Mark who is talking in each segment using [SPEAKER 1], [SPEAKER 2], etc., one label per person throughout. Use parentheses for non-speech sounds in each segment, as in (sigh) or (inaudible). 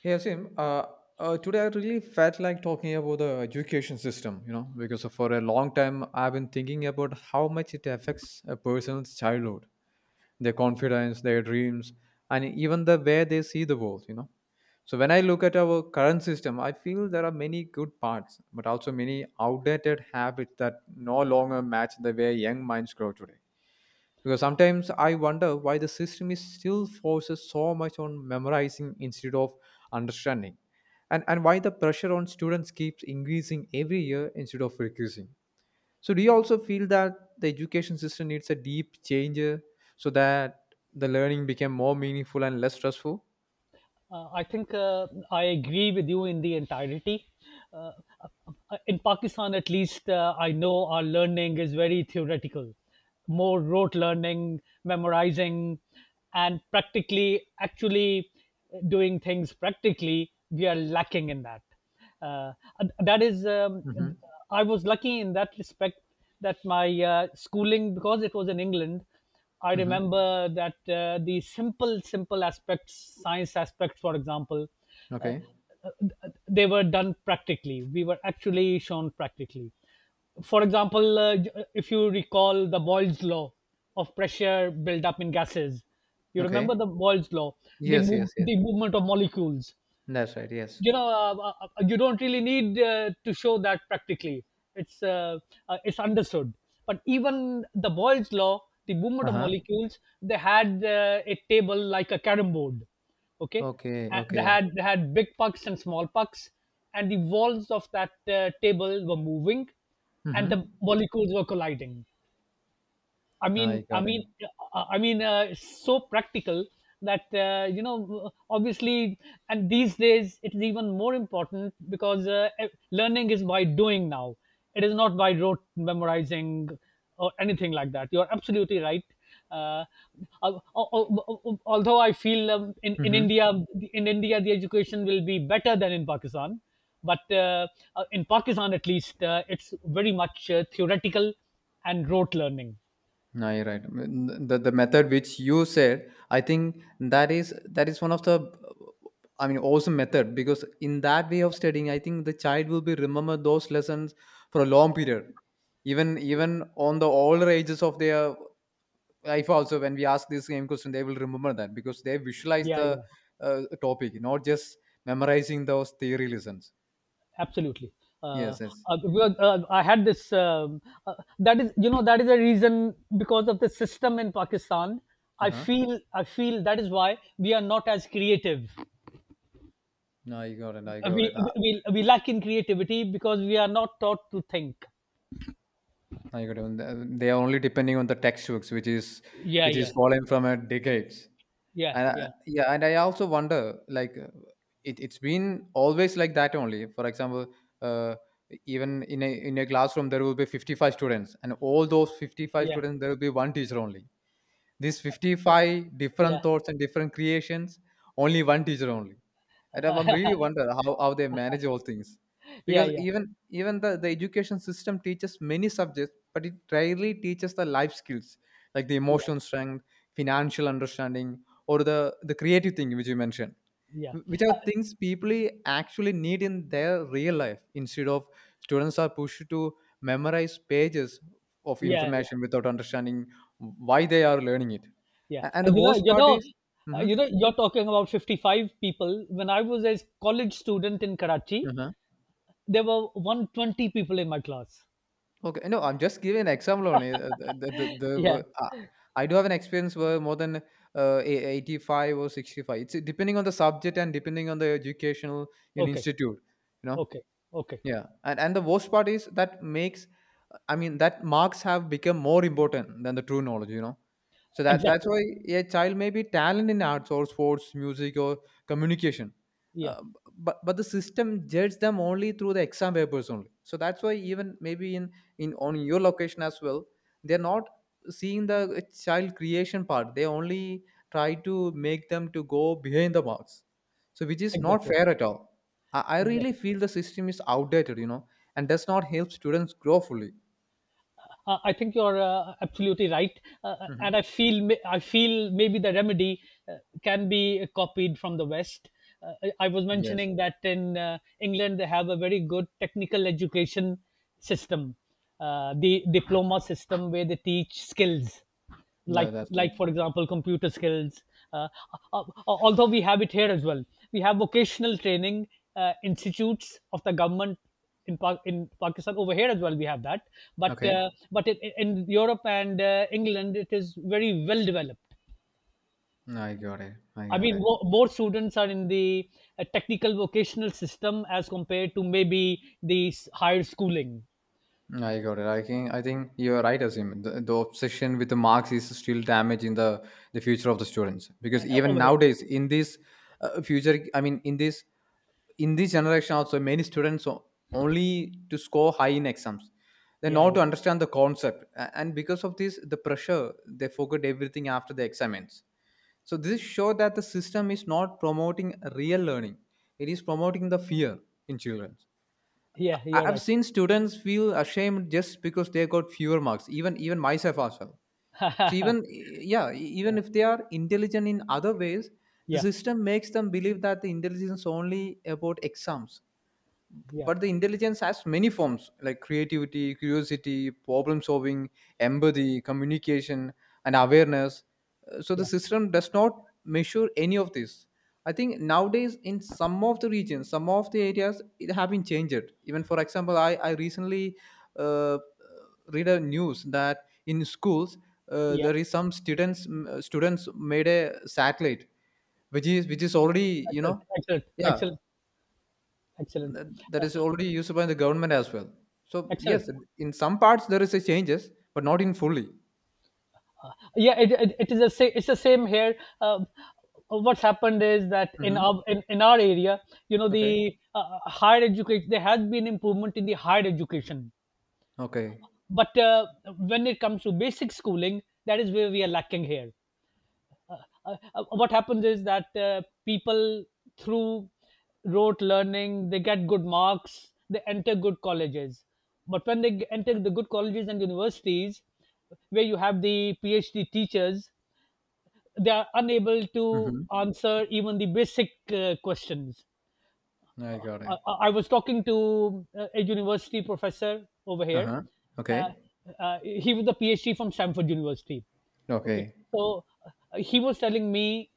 [SPEAKER 1] Hey, Asim, today I really felt like talking about the education system, you know, because for a long time I've been thinking about how much it affects a person's childhood, their confidence, their dreams, and even the way they see the world, you know. So when I look at our current system, I feel there are many good parts, but also many outdated habits that no longer match the way young minds grow today. Because sometimes I wonder why the system is still forces so much on memorizing instead of understanding, and why the pressure on students keeps increasing every year instead of reducing. So, do you also feel that the education system needs a deep change so that the learning became more meaningful and less stressful?
[SPEAKER 2] I think I agree with you in the entirety. Uh, in Pakistan, at least, I know our learning is very theoretical, more rote learning, memorizing, and practically, actually doing things practically. We are lacking in that. Uh, and that is, um,
[SPEAKER 1] Mm-hmm.
[SPEAKER 2] I was lucky in that respect that my schooling, because it was in England, I
[SPEAKER 1] Mm-hmm.
[SPEAKER 2] remember that the simple aspects, science aspects, for example, uh,
[SPEAKER 1] Okay.
[SPEAKER 2] they were done practically. We were actually shown practically. For example, if you recall the Boyle's law of pressure build up in gases, you remember
[SPEAKER 1] Okay.
[SPEAKER 2] the Boyle's law, the
[SPEAKER 1] Yes.
[SPEAKER 2] move,
[SPEAKER 1] Yes. Yes.
[SPEAKER 2] the movement of molecules.
[SPEAKER 1] That's right. Yes.
[SPEAKER 2] You don't really need to show that practically. it's uh, it's understood, but even the boyle's law, the
[SPEAKER 1] Uh
[SPEAKER 2] movement of
[SPEAKER 1] huh.
[SPEAKER 2] molecules, they had a table like a carom board, okay,
[SPEAKER 1] Okay.
[SPEAKER 2] and they
[SPEAKER 1] Okay.
[SPEAKER 2] had they had big pucks and small pucks, and the walls of that table were moving and
[SPEAKER 1] Mm-hmm.
[SPEAKER 2] the molecules were colliding. I mean,
[SPEAKER 1] I
[SPEAKER 2] I
[SPEAKER 1] got
[SPEAKER 2] mean, uh, I mean, uh, so practical that you know, obviously, and these days it is even more important, because learning is by doing now. It is not by rote memorizing or anything like that. You are absolutely right. Uh, al- al- Although I feel in
[SPEAKER 1] it.
[SPEAKER 2] India, in India, the education will be better than in Pakistan. But In Pakistan, at least, it's very much theoretical and rote learning.
[SPEAKER 1] No, you're right. The method which you said, I think that is one of the, I mean, awesome method because in that way of studying, I think the child will be remember those lessons for a long period, even even on the older ages of their life. Also, when we ask this same question, they will remember that because they visualize
[SPEAKER 2] Yeah,
[SPEAKER 1] the
[SPEAKER 2] yeah,
[SPEAKER 1] topic, not just memorizing those theory lessons.
[SPEAKER 2] absolutely. Uh,
[SPEAKER 1] Yes, yes.
[SPEAKER 2] because I had this. Uh, that is, you know, that is a reason because of the system in Pakistan.
[SPEAKER 1] Uh
[SPEAKER 2] I
[SPEAKER 1] huh.
[SPEAKER 2] feel, I feel that is why we are not as creative.
[SPEAKER 1] No, I got it. I
[SPEAKER 2] Uh,
[SPEAKER 1] got
[SPEAKER 2] We
[SPEAKER 1] it.
[SPEAKER 2] uh, we we lack in creativity because we are not taught to think.
[SPEAKER 1] I got even they are only depending on the textbooks,
[SPEAKER 2] Yeah,
[SPEAKER 1] which is
[SPEAKER 2] yeah,
[SPEAKER 1] fallen from a decades.
[SPEAKER 2] yeah,
[SPEAKER 1] And I,
[SPEAKER 2] yeah,
[SPEAKER 1] yeah, and I also wonder, like, it's been always like that only. For example, uh, even in a classroom there will be 55 students, and all those 55
[SPEAKER 2] yeah,
[SPEAKER 1] students there will be one teacher only. These 55
[SPEAKER 2] yeah,
[SPEAKER 1] different thoughts and different creations, only one teacher only. And I'm really wonder how they manage all things,
[SPEAKER 2] yeah,
[SPEAKER 1] because
[SPEAKER 2] yeah,
[SPEAKER 1] even even the education system teaches many subjects but it rarely teaches the life skills like the
[SPEAKER 2] yeah,
[SPEAKER 1] emotional strength, financial understanding, or the creative thing which you mentioned,
[SPEAKER 2] yeah,
[SPEAKER 1] which are
[SPEAKER 2] uh,
[SPEAKER 1] things people actually need in their real life instead of students are pushed to memorize pages of
[SPEAKER 2] yeah, yeah,
[SPEAKER 1] information without understanding why they are learning it.
[SPEAKER 2] yeah.
[SPEAKER 1] And the worst part is. Mhm.
[SPEAKER 2] You know. You're talking about 55 people. When I was a college student in Karachi,
[SPEAKER 1] Uh-huh.
[SPEAKER 2] there were 120 people in my class.
[SPEAKER 1] Okay. No, I'm just giving an example only.
[SPEAKER 2] Yeah.
[SPEAKER 1] I do have an experience where more than 85 or 65. It's depending on the subject and depending on the educational in
[SPEAKER 2] Okay.
[SPEAKER 1] institute, you know.
[SPEAKER 2] Okay. Okay.
[SPEAKER 1] Yeah, and the worst part is that makes, I mean, that marks have become more important than the true knowledge. You know, so that that's
[SPEAKER 2] Exactly.
[SPEAKER 1] why a child may be talented in arts or sports, music or communication,
[SPEAKER 2] Yeah.
[SPEAKER 1] but the system judges them only through the exam papers only. So that's why even maybe in on your location as well, they're not seeing the child creation part. They only try to make them to go behind the marks so which is not
[SPEAKER 2] Exactly.
[SPEAKER 1] fair at all. I really
[SPEAKER 2] Exactly.
[SPEAKER 1] feel the system is outdated, you know, and does not help students grow fully.
[SPEAKER 2] I think you're absolutely right, and
[SPEAKER 1] Hmm.
[SPEAKER 2] I feel maybe the remedy uh, can be copied from the West. Uh, I was
[SPEAKER 1] Yes,
[SPEAKER 2] mentioning that in England they have a very good technical education system, the diploma system where they teach skills,
[SPEAKER 1] that,
[SPEAKER 2] like
[SPEAKER 1] that's right.
[SPEAKER 2] like for example computer skills. uh, Although we have it here as well, we have vocational training institutes of the government in Pakistan over here as well, we have that,
[SPEAKER 1] Okay.
[SPEAKER 2] but in Europe and England it is very well developed.
[SPEAKER 1] I got it. I
[SPEAKER 2] I
[SPEAKER 1] got
[SPEAKER 2] mean,
[SPEAKER 1] it.
[SPEAKER 2] more students are in the technical vocational system as compared to maybe higher schooling
[SPEAKER 1] I got it. I think you're right, Asim. The obsession with the marks is still damaging the future of the students because even
[SPEAKER 2] over here.
[SPEAKER 1] nowadays in this I mean, in this generation also, many students o- only to score high in exams. They
[SPEAKER 2] Yeah,
[SPEAKER 1] not
[SPEAKER 2] yeah,
[SPEAKER 1] to understand the concept. And because of this, the pressure they forget everything after the exams. So this shows that the system is not promoting real learning; it is promoting the fear in children.
[SPEAKER 2] yeah. You're
[SPEAKER 1] I've
[SPEAKER 2] right.
[SPEAKER 1] seen students feel ashamed just because they got fewer marks. Even even myself as well.
[SPEAKER 2] (laughs)
[SPEAKER 1] So
[SPEAKER 2] Yeah,
[SPEAKER 1] yeah, even if they are intelligent in other ways, the
[SPEAKER 2] yeah,
[SPEAKER 1] system makes them believe that the intelligence is only about exams,
[SPEAKER 2] yeah,
[SPEAKER 1] but the intelligence has many forms like creativity, curiosity, problem solving, empathy, communication, and awareness. So the
[SPEAKER 2] yeah,
[SPEAKER 1] system does not measure any of this. I think nowadays in some of the regions, some of the areas it have been changed even. For example, I recently uh, uh, read a news that in schools,
[SPEAKER 2] yeah.
[SPEAKER 1] there is some students students made a satellite which is already, you know.
[SPEAKER 2] Excellent, excellent,
[SPEAKER 1] Yeah,
[SPEAKER 2] excellent, excellent,
[SPEAKER 1] that, that
[SPEAKER 2] uh,
[SPEAKER 1] is already used by the government as well. So
[SPEAKER 2] excellent.
[SPEAKER 1] yes, in some parts there is a changes, but not in fully.
[SPEAKER 2] Yeah, it is the same. It's the same here. Um, what's happened is that
[SPEAKER 1] Hmm.
[SPEAKER 2] in our area, you know,
[SPEAKER 1] Okay.
[SPEAKER 2] the higher education, there has been improvement in the higher education,
[SPEAKER 1] Okay.
[SPEAKER 2] but when it comes to basic schooling, that is where we are lacking here. uh, what happens is that people, through rote learning, they get good marks, they enter good colleges, but when enter the good colleges and universities, where you have the PhD teachers, they are unable to
[SPEAKER 1] Hmm.
[SPEAKER 2] answer even the basic questions.
[SPEAKER 1] I
[SPEAKER 2] I,
[SPEAKER 1] got it.
[SPEAKER 2] I I was talking to a university professor over
[SPEAKER 1] Uh
[SPEAKER 2] here.
[SPEAKER 1] huh. Okay.
[SPEAKER 2] Uh, he was a PhD from Stanford University. Okay,
[SPEAKER 1] Okay.
[SPEAKER 2] so he was telling me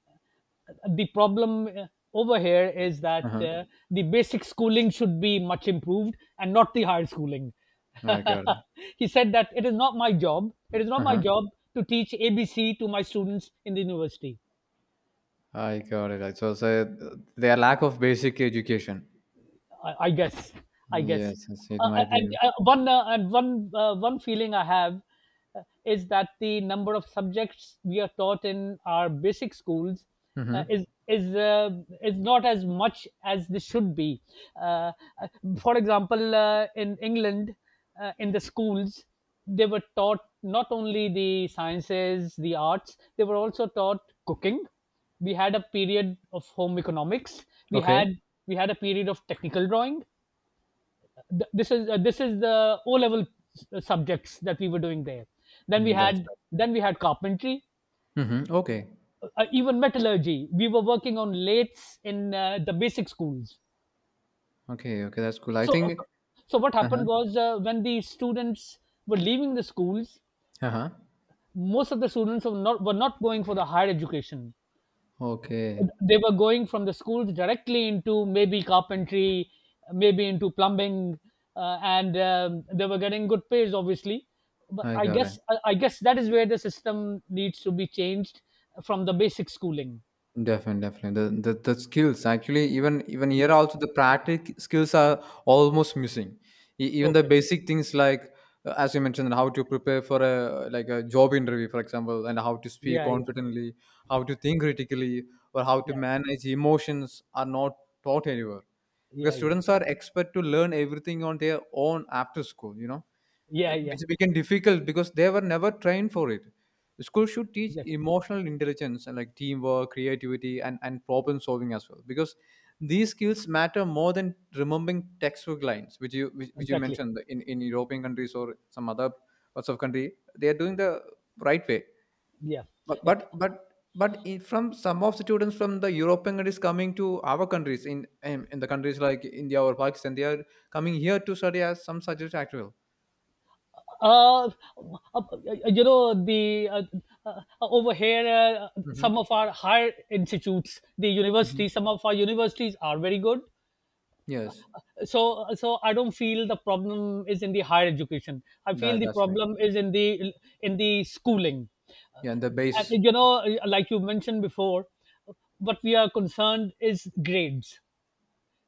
[SPEAKER 2] the problem over here is
[SPEAKER 1] Uh
[SPEAKER 2] that
[SPEAKER 1] huh.
[SPEAKER 2] the basic schooling should be much improved and not the higher schooling.
[SPEAKER 1] I got it.
[SPEAKER 2] (laughs) He said that it is not my job. It is
[SPEAKER 1] Uh
[SPEAKER 2] not my
[SPEAKER 1] huh.
[SPEAKER 2] job to teach ABC to my students in the university.
[SPEAKER 1] I got it. So, so their lack of basic education.
[SPEAKER 2] I guess. I guess.
[SPEAKER 1] Yes, yes, it might
[SPEAKER 2] And
[SPEAKER 1] be.
[SPEAKER 2] one and one One feeling I have is that the number of subjects we are taught in our basic schools uh,
[SPEAKER 1] Hmm.
[SPEAKER 2] is is uh, is not as much as this should be. Uh, uh, for example, in England, in the schools, they were taught not only the sciences, the arts, they were also taught cooking. We had a period of home economics, we
[SPEAKER 1] Okay.
[SPEAKER 2] had we had a period of technical drawing. This is this is the O level subjects that we were doing there.
[SPEAKER 1] Mm, that's
[SPEAKER 2] Then we had carpentry,
[SPEAKER 1] right. Hmm. Okay.
[SPEAKER 2] even metallurgy. We were working on lathes in the basic schools.
[SPEAKER 1] Okay. Okay. That's cool. I
[SPEAKER 2] so
[SPEAKER 1] think.
[SPEAKER 2] so so what
[SPEAKER 1] Uh huh.
[SPEAKER 2] happened was when the students were leaving the schools,
[SPEAKER 1] Uh huh.
[SPEAKER 2] most of the students were not going for the higher education.
[SPEAKER 1] Okay.
[SPEAKER 2] They were going from the schools directly into maybe carpentry, maybe into plumbing, and they were getting good pays, obviously. But
[SPEAKER 1] I got it.
[SPEAKER 2] I guess that is where the system needs to be changed, from the basic schooling.
[SPEAKER 1] Definitely, definitely. The skills actually even even
[SPEAKER 2] Yeah.
[SPEAKER 1] here also the
[SPEAKER 2] Yeah.
[SPEAKER 1] practical skills are almost missing. Even the
[SPEAKER 2] Okay.
[SPEAKER 1] basic things like as you mentioned, how to prepare for a like a job interview, for example, and how to speak
[SPEAKER 2] Yeah.
[SPEAKER 1] confidently, how to think critically, or how to
[SPEAKER 2] Yeah.
[SPEAKER 1] manage emotions are not taught anywhere because
[SPEAKER 2] Yeah. Yeah.
[SPEAKER 1] students are expected to learn everything on their own after school, you know,
[SPEAKER 2] Yeah. Yeah. Yeah.
[SPEAKER 1] which became difficult because they were never trained for it. School should teach
[SPEAKER 2] Exactly.
[SPEAKER 1] emotional intelligence and like teamwork, creativity, and problem solving as well because these skills matter more than remembering textbook lines, which you which you
[SPEAKER 2] Exactly.
[SPEAKER 1] mentioned in European countries or some other parts of country. They are doing the right way,
[SPEAKER 2] Yeah.
[SPEAKER 1] but
[SPEAKER 2] Yeah.
[SPEAKER 1] but but in, from some of the students from the European countries coming to our countries in the countries like India or Pakistan, they are coming here to study as some subject actual.
[SPEAKER 2] Uh, um, uh, you know, the over here,
[SPEAKER 1] Hmm.
[SPEAKER 2] some of our higher institutes, the universities, some of our universities are very good.
[SPEAKER 1] Yes,
[SPEAKER 2] I don't feel the problem is in the higher education. I feel
[SPEAKER 1] that
[SPEAKER 2] the
[SPEAKER 1] that's right.
[SPEAKER 2] problem is in the schooling. Uh,
[SPEAKER 1] Yeah, and the base.
[SPEAKER 2] and, you know, like you mentioned before, what we are concerned is grades.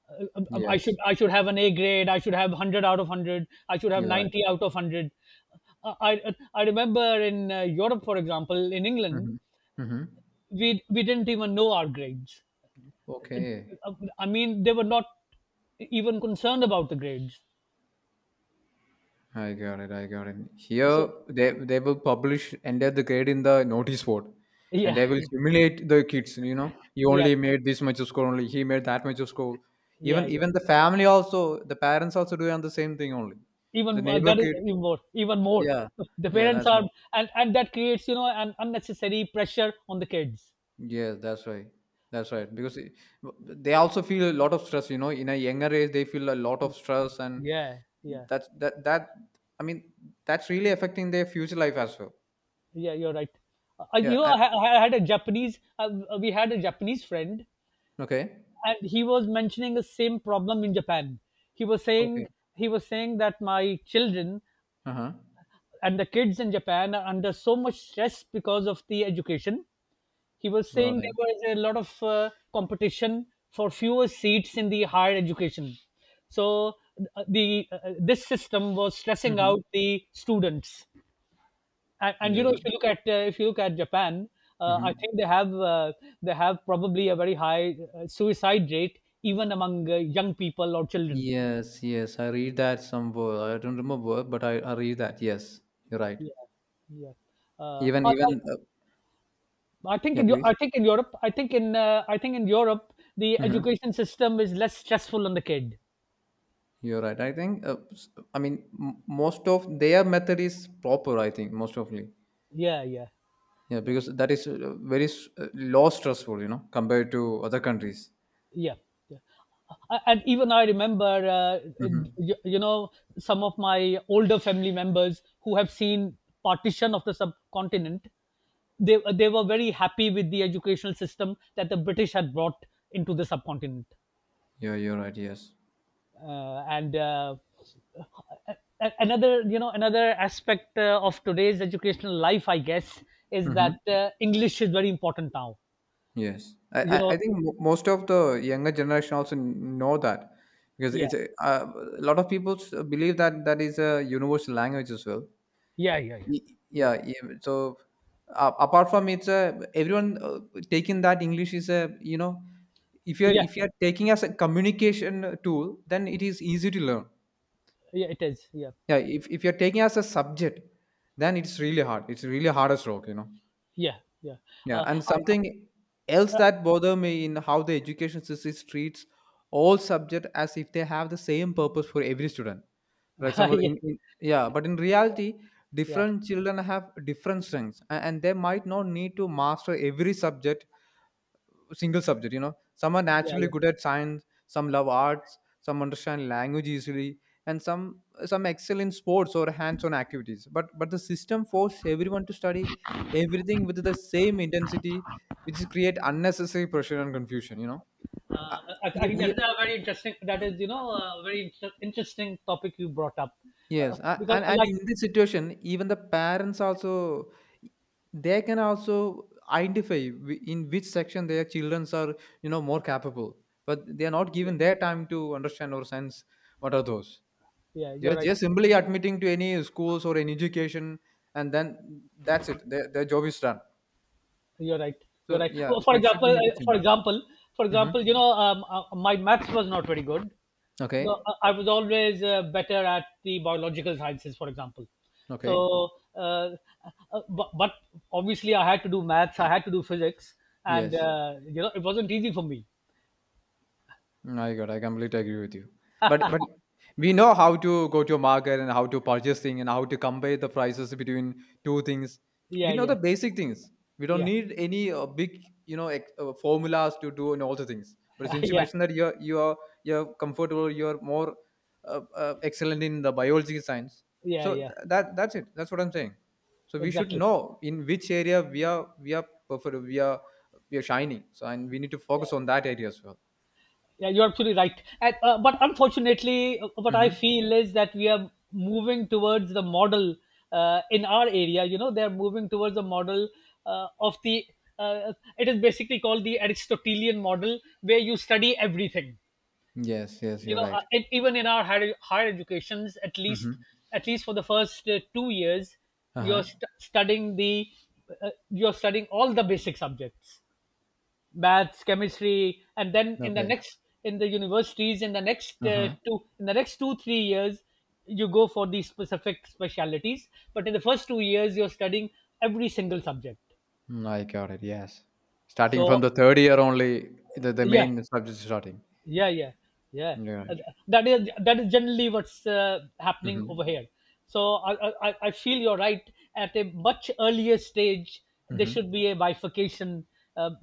[SPEAKER 2] uh,
[SPEAKER 1] Yes,
[SPEAKER 2] I should have an A grade. I should have 100 out of 100. I should have
[SPEAKER 1] you're right.
[SPEAKER 2] 90 out of 100. I remember in Europe, for example, in England,
[SPEAKER 1] Hmm. Hmm.
[SPEAKER 2] we didn't even know our grades. Uh,
[SPEAKER 1] Okay,
[SPEAKER 2] I mean, they were not even concerned about the grades.
[SPEAKER 1] I got it. I got it.
[SPEAKER 2] So
[SPEAKER 1] Here, they will publish and enter the grade in the notice board, and
[SPEAKER 2] yeah,
[SPEAKER 1] they will
[SPEAKER 2] (laughs)
[SPEAKER 1] humiliate the kids. You know, you
[SPEAKER 2] yeah,
[SPEAKER 1] only made this much of score. Only he made that much of score.
[SPEAKER 2] yeah,
[SPEAKER 1] Even
[SPEAKER 2] yeah.
[SPEAKER 1] even the family also, the parents also doing the same thing. Only the
[SPEAKER 2] Even
[SPEAKER 1] neighbor
[SPEAKER 2] that is
[SPEAKER 1] kid.
[SPEAKER 2] even more, even more.
[SPEAKER 1] Yeah,
[SPEAKER 2] The
[SPEAKER 1] yeah,
[SPEAKER 2] parents
[SPEAKER 1] that's right.
[SPEAKER 2] are, and that creates, you know, an unnecessary pressure on the kids.
[SPEAKER 1] Yeah, that's right. That's right. They also feel a lot of stress. You know, in a younger age, they feel a lot of stress, and
[SPEAKER 2] Yeah, yeah.
[SPEAKER 1] that's that that. I mean, that's really affecting their future life as well.
[SPEAKER 2] Yeah, you're right.
[SPEAKER 1] Yeah.
[SPEAKER 2] You know, I had a Japanese. We had a Japanese friend,
[SPEAKER 1] Okay.
[SPEAKER 2] and he was mentioning the same problem in Japan. He was
[SPEAKER 1] Okay.
[SPEAKER 2] saying he was saying that my children
[SPEAKER 1] Uh huh.
[SPEAKER 2] and the kids in Japan are under so much stress because of the education. He was
[SPEAKER 1] Got
[SPEAKER 2] saying
[SPEAKER 1] it.
[SPEAKER 2] there was a lot of competition for fewer seats in the higher education. So the this system was stressing
[SPEAKER 1] Mm-hmm.
[SPEAKER 2] out the students. And you
[SPEAKER 1] You're
[SPEAKER 2] know,
[SPEAKER 1] right.
[SPEAKER 2] if you look at Japan, I
[SPEAKER 1] Mm-hmm.
[SPEAKER 2] think they have probably a very high suicide rate even among young people or children.
[SPEAKER 1] Yes. Yes. I read that somewhere. I don't remember, but I read that. Yes. You're right.
[SPEAKER 2] Yeah, yeah. uh,
[SPEAKER 1] Even
[SPEAKER 2] I, I, I think
[SPEAKER 1] yeah.
[SPEAKER 2] in Eu- I
[SPEAKER 1] Please.
[SPEAKER 2] think in europe I think in Europe the
[SPEAKER 1] Mm-hmm.
[SPEAKER 2] education system is less stressful on the kid.
[SPEAKER 1] You're right. I think. I mean, most of their method is proper. I think most of.
[SPEAKER 2] Yeah, yeah,
[SPEAKER 1] Yeah,
[SPEAKER 2] yeah,
[SPEAKER 1] because that is very low stressful, you know, compared to other countries.
[SPEAKER 2] yeah, yeah. And even I remember, uh,
[SPEAKER 1] Mm-hmm.
[SPEAKER 2] you know, some of my older family members who have seen partition of the subcontinent, they were very happy with the educational system that the British had brought into the subcontinent.
[SPEAKER 1] Yeah, you're right. Yes.
[SPEAKER 2] uh, and uh, Another, you know, another aspect of today's educational life, I guess, is
[SPEAKER 1] Mm-hmm.
[SPEAKER 2] that English is very important now,
[SPEAKER 1] Yes.
[SPEAKER 2] you know.
[SPEAKER 1] I think most of the younger generation also know that because
[SPEAKER 2] Yeah,
[SPEAKER 1] it's a lot of people believe that that is a universal language as well.
[SPEAKER 2] yeah, yeah, yeah,
[SPEAKER 1] Y-
[SPEAKER 2] yeah,
[SPEAKER 1] Yeah. Yeah, so apart from it's a, everyone taking that English is a, you know,
[SPEAKER 2] yeah,
[SPEAKER 1] if you're taking as a communication tool, then it is easy to learn.
[SPEAKER 2] yeah, it is, yeah.
[SPEAKER 1] Yeah, if you're taking as a subject, then it's really hard. It's really hard as rock, you know.
[SPEAKER 2] Yeah, yeah.
[SPEAKER 1] Yeah,
[SPEAKER 2] Uh,
[SPEAKER 1] and
[SPEAKER 2] uh,
[SPEAKER 1] something else
[SPEAKER 2] uh,
[SPEAKER 1] that bother me in how the education system treats all subject as if they have the same purpose for every student. For
[SPEAKER 2] (laughs)
[SPEAKER 1] example,
[SPEAKER 2] yeah,
[SPEAKER 1] in yeah, but in reality,
[SPEAKER 2] yeah,
[SPEAKER 1] different children have different strengths, and they might not need to master every subject single subject, you know, some are
[SPEAKER 2] yeah,
[SPEAKER 1] naturally
[SPEAKER 2] yeah.
[SPEAKER 1] good at science, some love arts, some understand language easily, and some excel in sports or hands-on activities, but the system forces everyone to study everything with the same intensity, which create unnecessary pressure and confusion, you know. Uh,
[SPEAKER 2] I
[SPEAKER 1] e-
[SPEAKER 2] think
[SPEAKER 1] e-
[SPEAKER 2] that's a very interesting. That is, you know, a very interesting topic you brought up, uh,
[SPEAKER 1] Yes,
[SPEAKER 2] because uh,
[SPEAKER 1] and
[SPEAKER 2] like,
[SPEAKER 1] in this situation, even the parents also they can also identify in which section their childrens are, you know, more capable, but they are not
[SPEAKER 2] yeah,
[SPEAKER 1] given their time to understand or sense what are those.
[SPEAKER 2] yeah, you're
[SPEAKER 1] They're
[SPEAKER 2] right,
[SPEAKER 1] just simply admitting to any schools or any education, and then that's it. Their job is done.
[SPEAKER 2] you're right, you're
[SPEAKER 1] So
[SPEAKER 2] right.
[SPEAKER 1] yeah,
[SPEAKER 2] Oh,
[SPEAKER 1] so
[SPEAKER 2] for
[SPEAKER 1] it should
[SPEAKER 2] example,
[SPEAKER 1] be need to change.
[SPEAKER 2] for
[SPEAKER 1] Hmm.
[SPEAKER 2] example, you know, my maths was not very good, so
[SPEAKER 1] Okay.
[SPEAKER 2] I was always better at the biological sciences, for example.
[SPEAKER 1] Okay.
[SPEAKER 2] So, uh, but obviously, I had to do maths, I had to do physics, and
[SPEAKER 1] Yes.
[SPEAKER 2] you know, it wasn't easy for me.
[SPEAKER 1] I got. I completely agree with you. But we know how to go to a market and how to purchase thing and how to compare the prices between two things. We
[SPEAKER 2] Yeah,
[SPEAKER 1] know the
[SPEAKER 2] yeah,
[SPEAKER 1] basic things. We don't
[SPEAKER 2] yeah,
[SPEAKER 1] need any big, you know, formulas to do and all the things. But
[SPEAKER 2] (laughs)
[SPEAKER 1] since you
[SPEAKER 2] yeah,
[SPEAKER 1] mentioned that you're comfortable, you're more excellent in the biology science.
[SPEAKER 2] yeah,
[SPEAKER 1] So
[SPEAKER 2] yeah,
[SPEAKER 1] that's it. That's what I'm saying. So we should
[SPEAKER 2] exactly.
[SPEAKER 1] know in which area we are perfect. We are shining. So and we need to
[SPEAKER 2] Yeah.
[SPEAKER 1] focus on that area as well.
[SPEAKER 2] Yeah, you're absolutely right. And, but unfortunately, what I
[SPEAKER 1] Mm-hmm.
[SPEAKER 2] feel is that we are moving towards the model in our area. You know, they're moving towards a model uh, of the, uh, it is basically called the Aristotelian model, where you study everything.
[SPEAKER 1] Yes, yes,
[SPEAKER 2] You
[SPEAKER 1] you're
[SPEAKER 2] know,
[SPEAKER 1] right.
[SPEAKER 2] and even in our higher educations, at least
[SPEAKER 1] Mm-hmm.
[SPEAKER 2] at least for the first 2 years, you're
[SPEAKER 1] Uh-huh.
[SPEAKER 2] st- studying the you're studying all the basic subjects, maths, chemistry. And then in the
[SPEAKER 1] Okay.
[SPEAKER 2] next, in the universities, in the next
[SPEAKER 1] Uh-huh.
[SPEAKER 2] two three years you go for these specific specialities. But in the first 2 years you're studying every single subject.
[SPEAKER 1] I got it. Yes. Starting from
[SPEAKER 2] So,
[SPEAKER 1] the third year only, the
[SPEAKER 2] yeah,
[SPEAKER 1] main subject is starting.
[SPEAKER 2] yeah, yeah, yeah.
[SPEAKER 1] You're right.
[SPEAKER 2] Uh, that is generally what's happening
[SPEAKER 1] Mm-hmm.
[SPEAKER 2] over here. So I feel you're right. At a much earlier stage there
[SPEAKER 1] Mm-hmm.
[SPEAKER 2] should be a bifurcation, um,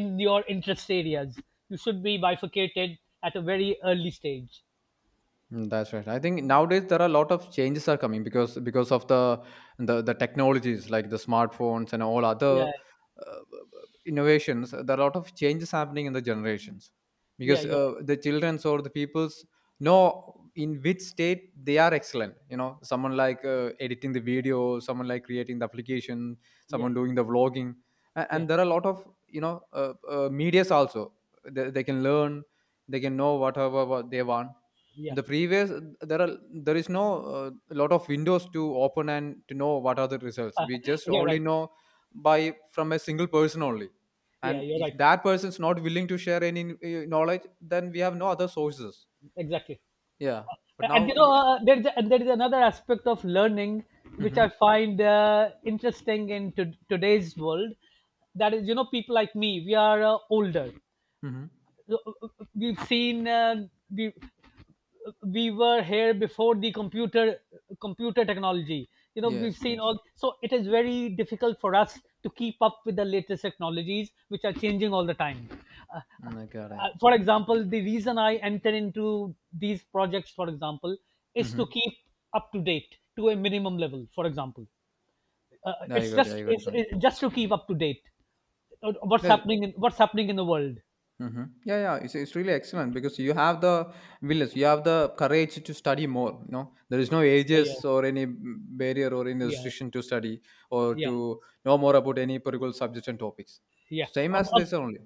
[SPEAKER 2] in your interest areas. You should be bifurcated at a very early stage.
[SPEAKER 1] That's right. I think nowadays there are a lot of changes are coming because of the the technologies like the smartphones and all other
[SPEAKER 2] Yeah,
[SPEAKER 1] uh, innovations. There are a lot of changes happening in the generations
[SPEAKER 2] yeah,
[SPEAKER 1] because
[SPEAKER 2] you're right,
[SPEAKER 1] the childrens or the peoples know in which state they are excellent. You know, someone like editing the video, someone like creating the application,
[SPEAKER 2] yeah,
[SPEAKER 1] someone doing the vlogging, and,
[SPEAKER 2] yeah,
[SPEAKER 1] and there are a lot of media's also. They can learn, they can know whatever what they want in
[SPEAKER 2] yeah.
[SPEAKER 1] the previous there is no lot of windows to open and to know what are the results. We
[SPEAKER 2] (laughs)
[SPEAKER 1] just
[SPEAKER 2] You're
[SPEAKER 1] only
[SPEAKER 2] right.
[SPEAKER 1] know by from a single person only,
[SPEAKER 2] Yeah,
[SPEAKER 1] and
[SPEAKER 2] you're
[SPEAKER 1] if
[SPEAKER 2] right,
[SPEAKER 1] that person is not willing to share any knowledge, then we have no other sources.
[SPEAKER 2] exactly.
[SPEAKER 1] Yeah, but
[SPEAKER 2] And
[SPEAKER 1] now
[SPEAKER 2] you
[SPEAKER 1] it.
[SPEAKER 2] know, there is another aspect of learning, which
[SPEAKER 1] Mm-hmm.
[SPEAKER 2] I find interesting in today's world. That is, people like me, we are older.
[SPEAKER 1] Mm-hmm.
[SPEAKER 2] We've seen, we we were here before the computer technology. You know, we've
[SPEAKER 1] Yes,
[SPEAKER 2] seen
[SPEAKER 1] yes.
[SPEAKER 2] all, so it is very difficult for us to keep up with the latest technologies, which are changing all the time. uh,
[SPEAKER 1] I got it.
[SPEAKER 2] for example, the reason I enter into these projects, for example, is to
[SPEAKER 1] Mm-hmm.
[SPEAKER 2] keep up to date to a minimum level, for example.
[SPEAKER 1] I
[SPEAKER 2] It's
[SPEAKER 1] got it.
[SPEAKER 2] just
[SPEAKER 1] I got it.
[SPEAKER 2] it's,
[SPEAKER 1] Fine.
[SPEAKER 2] it's just to keep up to date, what's
[SPEAKER 1] No.
[SPEAKER 2] happening in what's happening in the world.
[SPEAKER 1] Mm-hmm. Yeah, yeah, it's really excellent because you have the willingness, you have the courage to study more. You know, there is no
[SPEAKER 2] Yeah, yeah,
[SPEAKER 1] ages or any barrier or any
[SPEAKER 2] yeah.
[SPEAKER 1] restriction to study or
[SPEAKER 2] Yeah,
[SPEAKER 1] to know more about any particular subject and topics.
[SPEAKER 2] yeah.
[SPEAKER 1] Same as this only.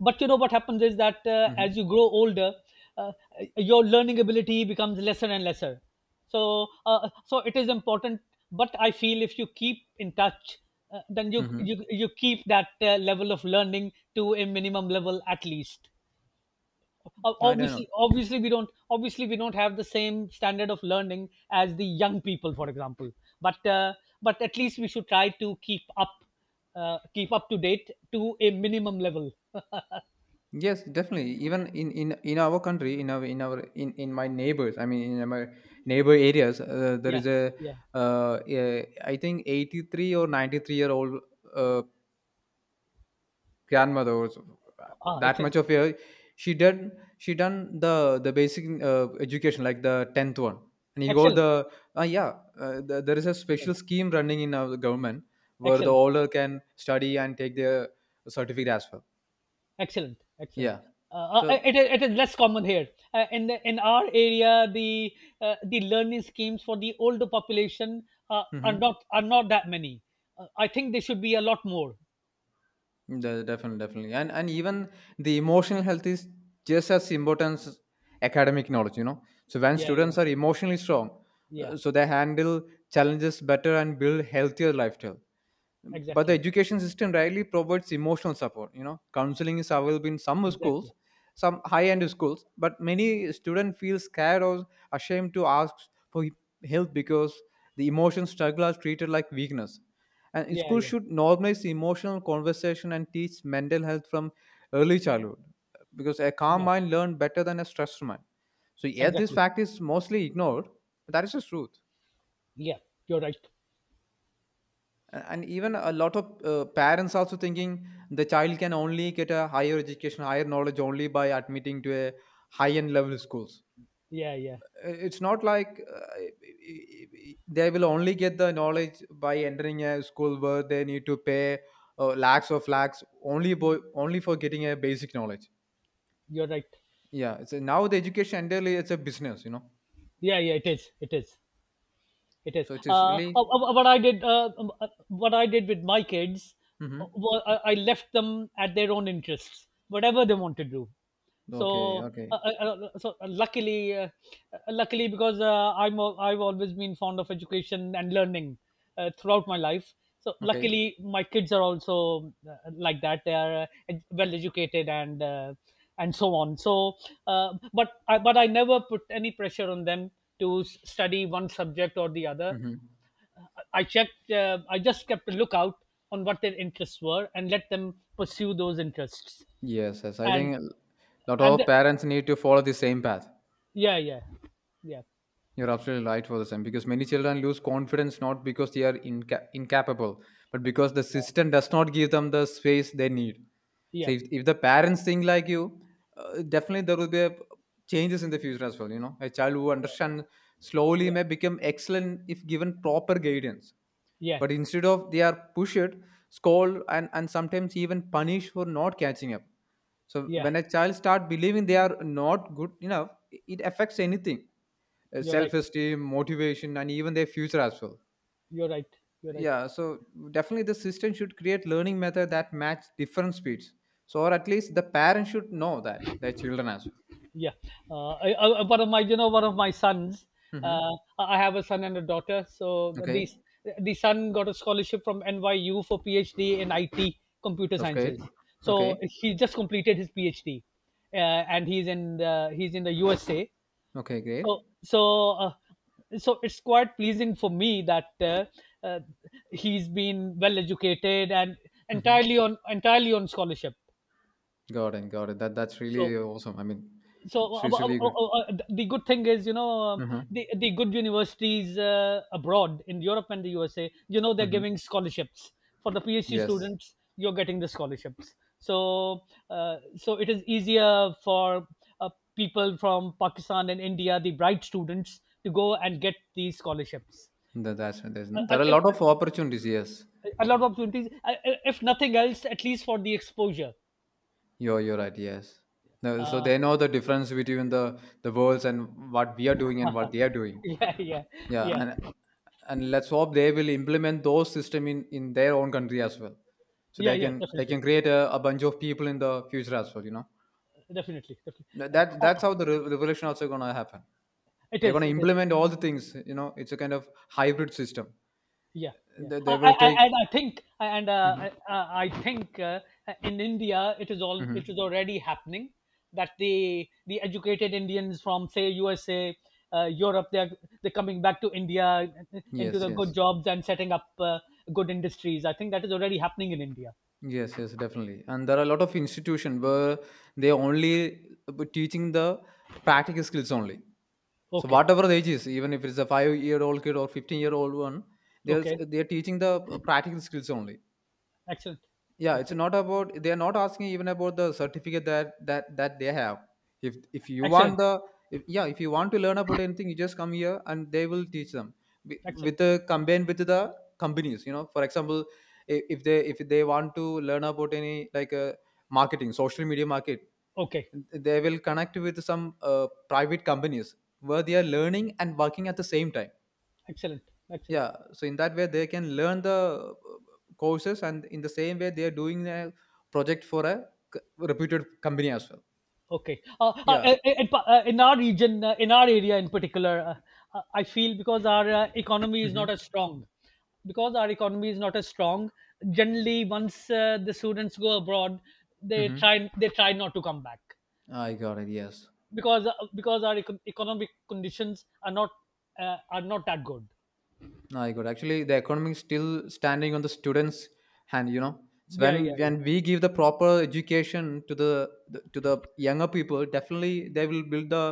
[SPEAKER 2] But you know what happens is that,
[SPEAKER 1] Mm-hmm.
[SPEAKER 2] as you grow older, uh, your learning ability becomes lesser and lesser. So, it is important. But I feel if you keep in touch, then you
[SPEAKER 1] Mm-hmm.
[SPEAKER 2] you you keep that level of learning to a minimum level at least. ob-
[SPEAKER 1] I don't know.
[SPEAKER 2] obviously obviously we don't obviously we don't have the same standard of learning as the young people, for example. But but at least we should try to keep up, keep up to date. To a minimum level
[SPEAKER 1] Yes, definitely. Even in our country, in our in our in my neighbors, I mean, in my neighbor areas,
[SPEAKER 2] (laughs)
[SPEAKER 1] there
[SPEAKER 2] Yeah,
[SPEAKER 1] is a
[SPEAKER 2] yeah.
[SPEAKER 1] I think 83 or 93-year-old uh. grandmother.
[SPEAKER 2] Ah,
[SPEAKER 1] That
[SPEAKER 2] excellent.
[SPEAKER 1] much of a, she did she done the basic education like the 10th one, and you got
[SPEAKER 2] Excellent,
[SPEAKER 1] the. Yeah. There is a special scheme running in our government where the
[SPEAKER 2] excellent,
[SPEAKER 1] older can study and take their certificate as well.
[SPEAKER 2] excellent, excellent.
[SPEAKER 1] Yeah. So.
[SPEAKER 2] It is less common here. In our area, the learning schemes for the older population are
[SPEAKER 1] Mhm.
[SPEAKER 2] not are not that many. I think they should be a lot more.
[SPEAKER 1] Definitely, and even the emotional health is just as important as academic knowledge, you know. So when
[SPEAKER 2] Yeah, yeah,
[SPEAKER 1] students are emotionally strong,
[SPEAKER 2] yeah.
[SPEAKER 1] so they handle challenges better and build healthier lifestyle, but the
[SPEAKER 2] Exactly.
[SPEAKER 1] education system rarely provides emotional support. You know, counseling is available in some
[SPEAKER 2] Exactly.
[SPEAKER 1] schools, some high end schools, but many students feel scared or ashamed to ask for help because the emotion struggle are treated like weakness. And
[SPEAKER 2] Yeah,
[SPEAKER 1] schools
[SPEAKER 2] yeah.
[SPEAKER 1] should normalize emotional conversation and teach mental health from early childhood because a calm
[SPEAKER 2] Yeah.
[SPEAKER 1] mind learns better than a stressed mind. So yet this
[SPEAKER 2] Exactly.
[SPEAKER 1] fact is mostly ignored, but that is the truth.
[SPEAKER 2] Yeah. You're right.
[SPEAKER 1] And even a lot of parents also thinking the child can only get a higher education higher knowledge only by admitting to a high end level schools.
[SPEAKER 2] Yeah, yeah.
[SPEAKER 1] It's not like they will only get the knowledge by entering a school where they need to pay lakhs of lakhs only for getting a basic knowledge.
[SPEAKER 2] You're right.
[SPEAKER 1] Yeah, now the education entirely it's a business, you know.
[SPEAKER 2] Yeah, yeah, it is. It is. It is.
[SPEAKER 1] So it is really.
[SPEAKER 2] What I did, What I did with my kids,
[SPEAKER 1] Hmm.
[SPEAKER 2] I left them at their own interests, whatever they want to do. so
[SPEAKER 1] Okay, okay,
[SPEAKER 2] uh, uh, uh, so, luckily, luckily, because I've always been fond of education and learning throughout my life. So
[SPEAKER 1] okay.
[SPEAKER 2] luckily my kids are also, like that. They are, well educated, and so on. So but I never put any pressure on them to study one subject or the other.
[SPEAKER 1] Hmm.
[SPEAKER 2] I checked, I just kept a lookout on what their interests were and let them pursue those interests.
[SPEAKER 1] Yes, yes. I
[SPEAKER 2] And
[SPEAKER 1] think a lot
[SPEAKER 2] and
[SPEAKER 1] of parents need to follow the same path.
[SPEAKER 2] Yeah, yeah, yeah,
[SPEAKER 1] You're absolutely right for the same because many children lose confidence not because they are incapable, but because the system does not give them the space they need. So
[SPEAKER 2] yeah,
[SPEAKER 1] if the parents think like you, definitely there will be a changes in the future as well. You know, a child who understands
[SPEAKER 2] yeah,
[SPEAKER 1] slowly
[SPEAKER 2] yeah,
[SPEAKER 1] may become excellent if given proper guidance,
[SPEAKER 2] yeah,
[SPEAKER 1] but instead of they are pushed, scolded, and sometimes even punished for not catching up. So
[SPEAKER 2] yeah.
[SPEAKER 1] when a child start believing they are not good enough, it affects anything.
[SPEAKER 2] You're right.
[SPEAKER 1] Self-esteem, motivation and even their future as well.
[SPEAKER 2] You're right. You're right.
[SPEAKER 1] Yeah, so definitely the system should create learning method that match different speeds. So or at least the parents should know that their children as well.
[SPEAKER 2] Yeah. I, one of my, you know, one of my sons.
[SPEAKER 1] Hmm.
[SPEAKER 2] Uh, I have a son and a daughter. So the
[SPEAKER 1] Okay.
[SPEAKER 2] the son got a scholarship from NYU for PhD in IT computer
[SPEAKER 1] That's great.
[SPEAKER 2] sciences. So
[SPEAKER 1] Okay,
[SPEAKER 2] he just completed his PhD, uh, and he's in the USA.
[SPEAKER 1] okay.
[SPEAKER 2] so
[SPEAKER 1] Great.
[SPEAKER 2] so uh, so it's quite pleasing for me that, uh, he's been well educated and
[SPEAKER 1] Hmm.
[SPEAKER 2] entirely on scholarship.
[SPEAKER 1] Got it. Got it. That's
[SPEAKER 2] so
[SPEAKER 1] really awesome. I mean,
[SPEAKER 2] so
[SPEAKER 1] it's
[SPEAKER 2] uh, uh,
[SPEAKER 1] it's really good.
[SPEAKER 2] uh, uh, the good thing is, you know,
[SPEAKER 1] Mhm.
[SPEAKER 2] the good universities, abroad in Europe and the USA, you know they're
[SPEAKER 1] Mhm.
[SPEAKER 2] giving scholarships for the PhD
[SPEAKER 1] Yes.
[SPEAKER 2] students. You're getting the scholarships. So, it is easier for, uh, people from Pakistan and India, the bright students, to go and get these scholarships.
[SPEAKER 1] That's right. there's,
[SPEAKER 2] a, a,
[SPEAKER 1] there are a lot of opportunities. Yes,
[SPEAKER 2] a lot of opportunities, if nothing else, at least for the exposure.
[SPEAKER 1] you're right. Yes. No, so
[SPEAKER 2] uh,
[SPEAKER 1] they know the difference between the worlds and what we are doing and
[SPEAKER 2] (laughs)
[SPEAKER 1] what they are doing.
[SPEAKER 2] yeah, yeah,
[SPEAKER 1] Yeah,
[SPEAKER 2] yeah,
[SPEAKER 1] and let's hope they will implement those system in their own country as well. So
[SPEAKER 2] yeah,
[SPEAKER 1] they
[SPEAKER 2] yeah,
[SPEAKER 1] can they
[SPEAKER 2] definitely,
[SPEAKER 1] can create a bunch of people in the future as well, you know.
[SPEAKER 2] definitely, definitely.
[SPEAKER 1] No, that
[SPEAKER 2] Oh,
[SPEAKER 1] that's how the revolution also gonna happen.
[SPEAKER 2] it
[SPEAKER 1] They're
[SPEAKER 2] is,
[SPEAKER 1] gonna
[SPEAKER 2] it is.
[SPEAKER 1] implement all the things. You know, it's a kind of hybrid system.
[SPEAKER 2] Yeah, yeah.
[SPEAKER 1] They, they will take.
[SPEAKER 2] I- and I think, and
[SPEAKER 1] Hmm.
[SPEAKER 2] I think, in India, it is
[SPEAKER 1] Hmm.
[SPEAKER 2] already happening that the educated Indians from, say, USA, Europe, they're coming back to India, into
[SPEAKER 1] Yes.
[SPEAKER 2] the good
[SPEAKER 1] Yes.
[SPEAKER 2] jobs and setting up good industries. I think that is already happening in India.
[SPEAKER 1] Yes, yes, definitely. And there are a lot of institution where they only teaching the practical skills only. So
[SPEAKER 2] Okay,
[SPEAKER 1] whatever the age is, even if it's a 5-year-old kid or 15-year-old one, they're
[SPEAKER 2] okay.
[SPEAKER 1] they're teaching the practical skills only.
[SPEAKER 2] Excellent,
[SPEAKER 1] Yeah, it's
[SPEAKER 2] excellent,
[SPEAKER 1] not about they are not asking even about the certificate that they have. If you want
[SPEAKER 2] excellent,
[SPEAKER 1] the. If, Yeah, if you want to learn about anything, you just come here and they will teach them. With
[SPEAKER 2] excellent.
[SPEAKER 1] the combined with the companies, you know, for example, if they want to learn about any like marketing social media market,
[SPEAKER 2] Okay,
[SPEAKER 1] they will connect with some private companies where they are learning and working at the same time.
[SPEAKER 2] excellent, excellent.
[SPEAKER 1] Yeah, so in that way they can learn the courses, and in the same way they are doing a project for a c- reputed company as well.
[SPEAKER 2] Okay.
[SPEAKER 1] Yeah.
[SPEAKER 2] In our region, in our area in particular, I feel because our economy is not
[SPEAKER 1] Mm-hmm.
[SPEAKER 2] as strong, because our economy is not as strong. Generally, once the students go abroad, they
[SPEAKER 1] Mm-hmm.
[SPEAKER 2] try they try not to come back,
[SPEAKER 1] I got it. Yes.
[SPEAKER 2] because, because our economic conditions are not that good.
[SPEAKER 1] I got it. Actually, the economy is still standing on the students hand, you know. So
[SPEAKER 2] Yeah, yeah,
[SPEAKER 1] when
[SPEAKER 2] yeah,
[SPEAKER 1] when we give the proper education to the younger people, definitely they will build the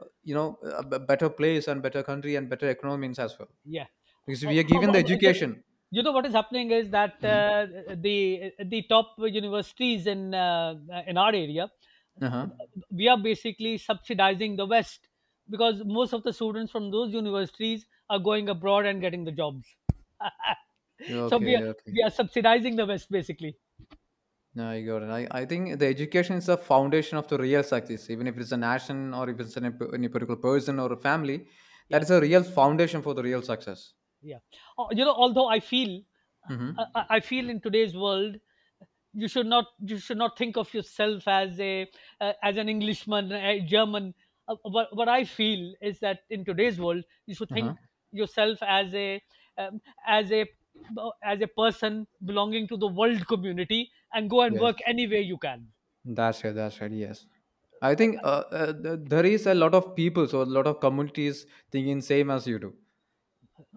[SPEAKER 1] uh, you know a better place and better country and better economies as well,
[SPEAKER 2] yeah.
[SPEAKER 1] because
[SPEAKER 2] Uh,
[SPEAKER 1] we
[SPEAKER 2] uh,
[SPEAKER 1] are
[SPEAKER 2] uh,
[SPEAKER 1] given the
[SPEAKER 2] uh,
[SPEAKER 1] education.
[SPEAKER 2] you know what is happening is that,
[SPEAKER 1] Hmm.
[SPEAKER 2] the top universities in our area,
[SPEAKER 1] Uh-huh.
[SPEAKER 2] we are basically subsidizing the west, because most of the students from those universities are going abroad and getting the jobs. (laughs) So we
[SPEAKER 1] Okay,
[SPEAKER 2] are we
[SPEAKER 1] okay.
[SPEAKER 2] are subsidizing the west basically.
[SPEAKER 1] No, I got it. I think the education is the foundation of the real success. Even if it's a nation or if it's any particular person or a family, that
[SPEAKER 2] Yeah,
[SPEAKER 1] is a real foundation for the real success.
[SPEAKER 2] yeah. Oh, you know, although I feel,
[SPEAKER 1] Mm-hmm.
[SPEAKER 2] I feel in today's world you should not think of yourself as a, as an Englishman, a German. What I feel is that in today's world you should
[SPEAKER 1] Uh-huh.
[SPEAKER 2] think yourself as a, um, as a as a person belonging to the world community, and go and work
[SPEAKER 1] Yes,
[SPEAKER 2] any way you can.
[SPEAKER 1] that's right. That's right. Yes. I
[SPEAKER 2] uh,
[SPEAKER 1] think there is a lot of people, so a lot of communities thinking same as you do.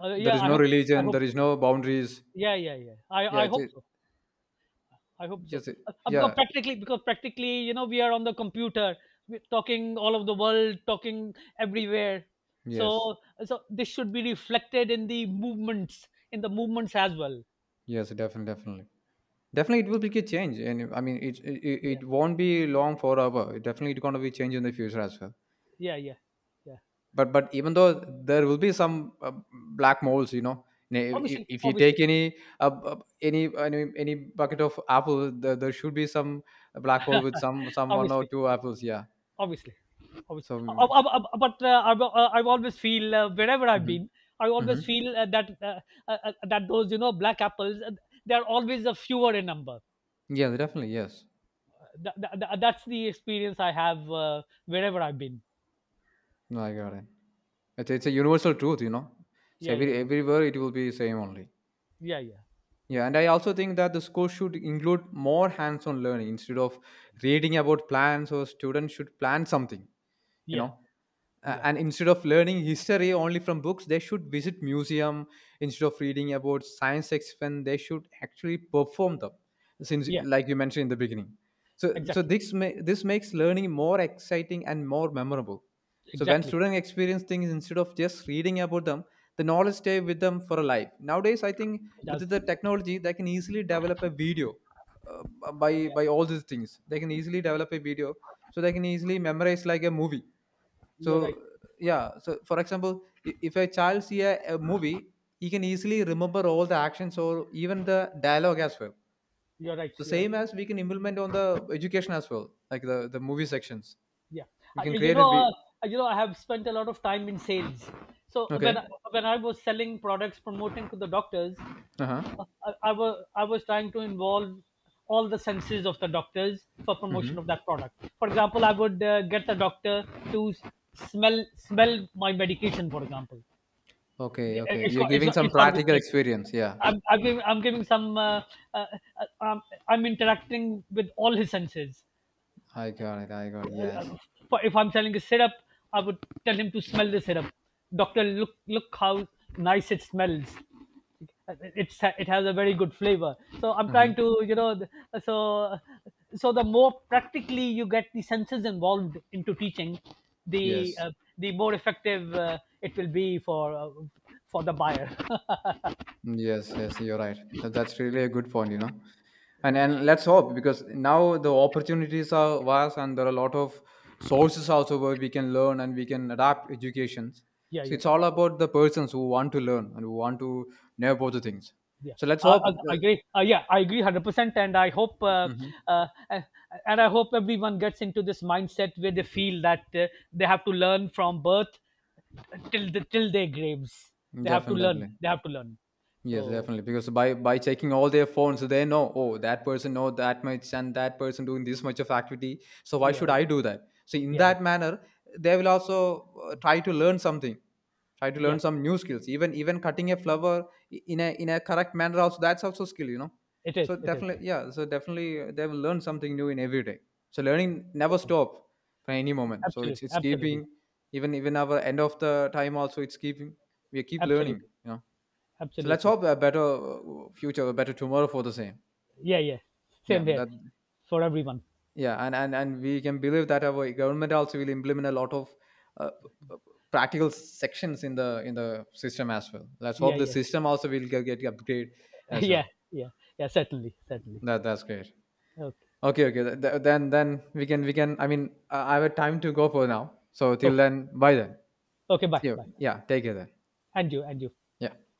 [SPEAKER 1] There
[SPEAKER 2] yeah,
[SPEAKER 1] is
[SPEAKER 2] i
[SPEAKER 1] no
[SPEAKER 2] hope i
[SPEAKER 1] religion.
[SPEAKER 2] hope
[SPEAKER 1] There is
[SPEAKER 2] so.
[SPEAKER 1] no boundaries.
[SPEAKER 2] Yeah, yeah, yeah, i
[SPEAKER 1] Yeah.
[SPEAKER 2] i
[SPEAKER 1] It's.
[SPEAKER 2] hope so. I hope so.
[SPEAKER 1] Yes. It.
[SPEAKER 2] Because
[SPEAKER 1] Yeah.
[SPEAKER 2] practically, you know, we are on the computer. We're talking all over the world, talking everywhere.
[SPEAKER 1] Yes.
[SPEAKER 2] So, so, this should be reflected in the movements as well.
[SPEAKER 1] Yes. Definitely. Definitely. Definitely, it will be a change, and I mean, it it,
[SPEAKER 2] Yeah,
[SPEAKER 1] it won't be long forever. It definitely, it's going to be change in the future as well.
[SPEAKER 2] yeah, yeah, yeah.
[SPEAKER 1] But even though there will be some black moles, you know. If,
[SPEAKER 2] Obviously,
[SPEAKER 1] if you
[SPEAKER 2] obviously,
[SPEAKER 1] take any any bucket of apple, there should be some black hole with
[SPEAKER 2] (laughs)
[SPEAKER 1] some one or
[SPEAKER 2] obviously,
[SPEAKER 1] two apples. Yeah.
[SPEAKER 2] obviously, obviously.
[SPEAKER 1] So.
[SPEAKER 2] But, I always feel, wherever I've
[SPEAKER 1] Hmm.
[SPEAKER 2] been, I
[SPEAKER 1] Hmm.
[SPEAKER 2] always feel, that, that those, you know, black apples, they are always a fewer in number.
[SPEAKER 1] Yeah, definitely. Yes.
[SPEAKER 2] That's the experience I have, wherever I've been.
[SPEAKER 1] No, I got it. It's a universal truth, you know. So
[SPEAKER 2] Yeah, yeah, yeah,
[SPEAKER 1] everywhere it will be same only.
[SPEAKER 2] yeah, yeah, yeah,
[SPEAKER 1] Yeah, and I also think that the school should include more hands-on learning instead of reading about plans. Or students should plan something, you
[SPEAKER 2] yeah,
[SPEAKER 1] know, a-
[SPEAKER 2] yeah,
[SPEAKER 1] and instead of learning history only from books, they should visit museum. Instead of reading about science experiment, they should actually perform them, since
[SPEAKER 2] yeah.
[SPEAKER 1] like you mentioned in the beginning. So
[SPEAKER 2] Exactly,
[SPEAKER 1] this makes learning more exciting and more memorable. So when
[SPEAKER 2] exactly.
[SPEAKER 1] students experience things instead of just reading about them, the knowledge stay with them for a life. Nowadays I think
[SPEAKER 2] It
[SPEAKER 1] with
[SPEAKER 2] does.
[SPEAKER 1] the technology they can easily develop a video. uh, by
[SPEAKER 2] Yeah,
[SPEAKER 1] by all these things they can easily develop a video. So they can easily memorize like a movie.
[SPEAKER 2] you're right.
[SPEAKER 1] So yeah, so for example, if a child see a movie, he can easily remember all the actions or even the dialogue as well.
[SPEAKER 2] You're right.
[SPEAKER 1] So
[SPEAKER 2] You're right.
[SPEAKER 1] same as we can implement on the education as well, like the movie sections.
[SPEAKER 2] Yeah.
[SPEAKER 1] We can
[SPEAKER 2] You, you
[SPEAKER 1] create a
[SPEAKER 2] know,
[SPEAKER 1] vi-
[SPEAKER 2] uh, uh, you know, I have spent a lot of time in sales. So when I-
[SPEAKER 1] Okay.
[SPEAKER 2] when I was selling products, promoting to the doctors,
[SPEAKER 1] Uh huh.
[SPEAKER 2] I was trying to involve all the senses of the doctors for
[SPEAKER 1] Mm-hmm.
[SPEAKER 2] promotion of that product. For example, I would, get the doctor to smell my medication. For example,
[SPEAKER 1] Okay. Okay.
[SPEAKER 2] it's
[SPEAKER 1] You're
[SPEAKER 2] got it's
[SPEAKER 1] giving
[SPEAKER 2] got,
[SPEAKER 1] some
[SPEAKER 2] it's got to be
[SPEAKER 1] practical
[SPEAKER 2] smelled.
[SPEAKER 1] experience. Yeah.
[SPEAKER 2] I'm giving some. Uh, uh, um, I'm interacting with all his senses,
[SPEAKER 1] I got it. I got it. Yes.
[SPEAKER 2] uh, if I'm selling a syrup, I would tell him to smell the syrup. Doctor, look how nice it smells. It has a very good flavor. So I'm
[SPEAKER 1] Mm-hmm.
[SPEAKER 2] trying to, you know, so so the more practically you get the senses involved into teaching, the
[SPEAKER 1] Yes.
[SPEAKER 2] uh, the more effective, it will be for, for the buyer. (laughs)
[SPEAKER 1] Yes. Yes. You're right. That's really a good point, you know. and
[SPEAKER 2] Yeah,
[SPEAKER 1] and let's hope because now the opportunities are vast and there are a lot of sources also where we can learn and we can adapt educations.
[SPEAKER 2] yeah,
[SPEAKER 1] So
[SPEAKER 2] yeah.
[SPEAKER 1] it's all about the persons who want to learn and who want to know both the things.
[SPEAKER 2] Yeah,
[SPEAKER 1] So let's
[SPEAKER 2] I,
[SPEAKER 1] hope
[SPEAKER 2] I
[SPEAKER 1] the.
[SPEAKER 2] I agree. Yeah, I agree 100%,
[SPEAKER 1] Mhm.
[SPEAKER 2] uh, uh, and I hope everyone gets into this mindset where they feel that, they have to learn from birth till till their graves. They have to learn.
[SPEAKER 1] Definitely.
[SPEAKER 2] They have to learn.
[SPEAKER 1] Yes,
[SPEAKER 2] So,
[SPEAKER 1] definitely. Because by checking all their phones, they know, oh, that person know that much and that person doing this much of activity. So why should
[SPEAKER 2] yeah,
[SPEAKER 1] I do that? So in
[SPEAKER 2] yeah,
[SPEAKER 1] that manner, they will also try to learn something, try to
[SPEAKER 2] yeah.
[SPEAKER 1] learn some new skills. Even cutting a flower in a correct manner also, that's also skill, you know.
[SPEAKER 2] It is.
[SPEAKER 1] So
[SPEAKER 2] It is.
[SPEAKER 1] definitely, yeah. So definitely, they will learn something new in every day. So learning never
[SPEAKER 2] Certainly.
[SPEAKER 1] stop for any moment. So it's
[SPEAKER 2] Absolutely.
[SPEAKER 1] it's
[SPEAKER 2] Absolutely.
[SPEAKER 1] keeping even our end of the time also it's keeping, we keep learning,
[SPEAKER 2] Absolutely.
[SPEAKER 1] you know. So let's
[SPEAKER 2] Absolutely.
[SPEAKER 1] hope a better future, a better tomorrow for the same.
[SPEAKER 2] Yeah. Yeah.
[SPEAKER 1] Yeah,
[SPEAKER 2] Same here
[SPEAKER 1] that.
[SPEAKER 2] for everyone.
[SPEAKER 1] Yeah, and we can believe that our government also will implement a lot of uh, p- p- practical sections in the system as well. Let's
[SPEAKER 2] Yeah.
[SPEAKER 1] hope the
[SPEAKER 2] Yeah.
[SPEAKER 1] system also will get upgrade
[SPEAKER 2] (laughs)
[SPEAKER 1] as well.
[SPEAKER 2] Yeah. Yeah. Yeah. Certainly. Certainly.
[SPEAKER 1] That's great.
[SPEAKER 2] Okay.
[SPEAKER 1] Okay, okay. Then we can. I mean, I have a time to go for now. So till
[SPEAKER 2] Okay.
[SPEAKER 1] then, bye then.
[SPEAKER 2] Okay. Bye.
[SPEAKER 1] See you.
[SPEAKER 2] Bye.
[SPEAKER 1] Yeah, take care then.
[SPEAKER 2] And you. And you.
[SPEAKER 1] Yeah.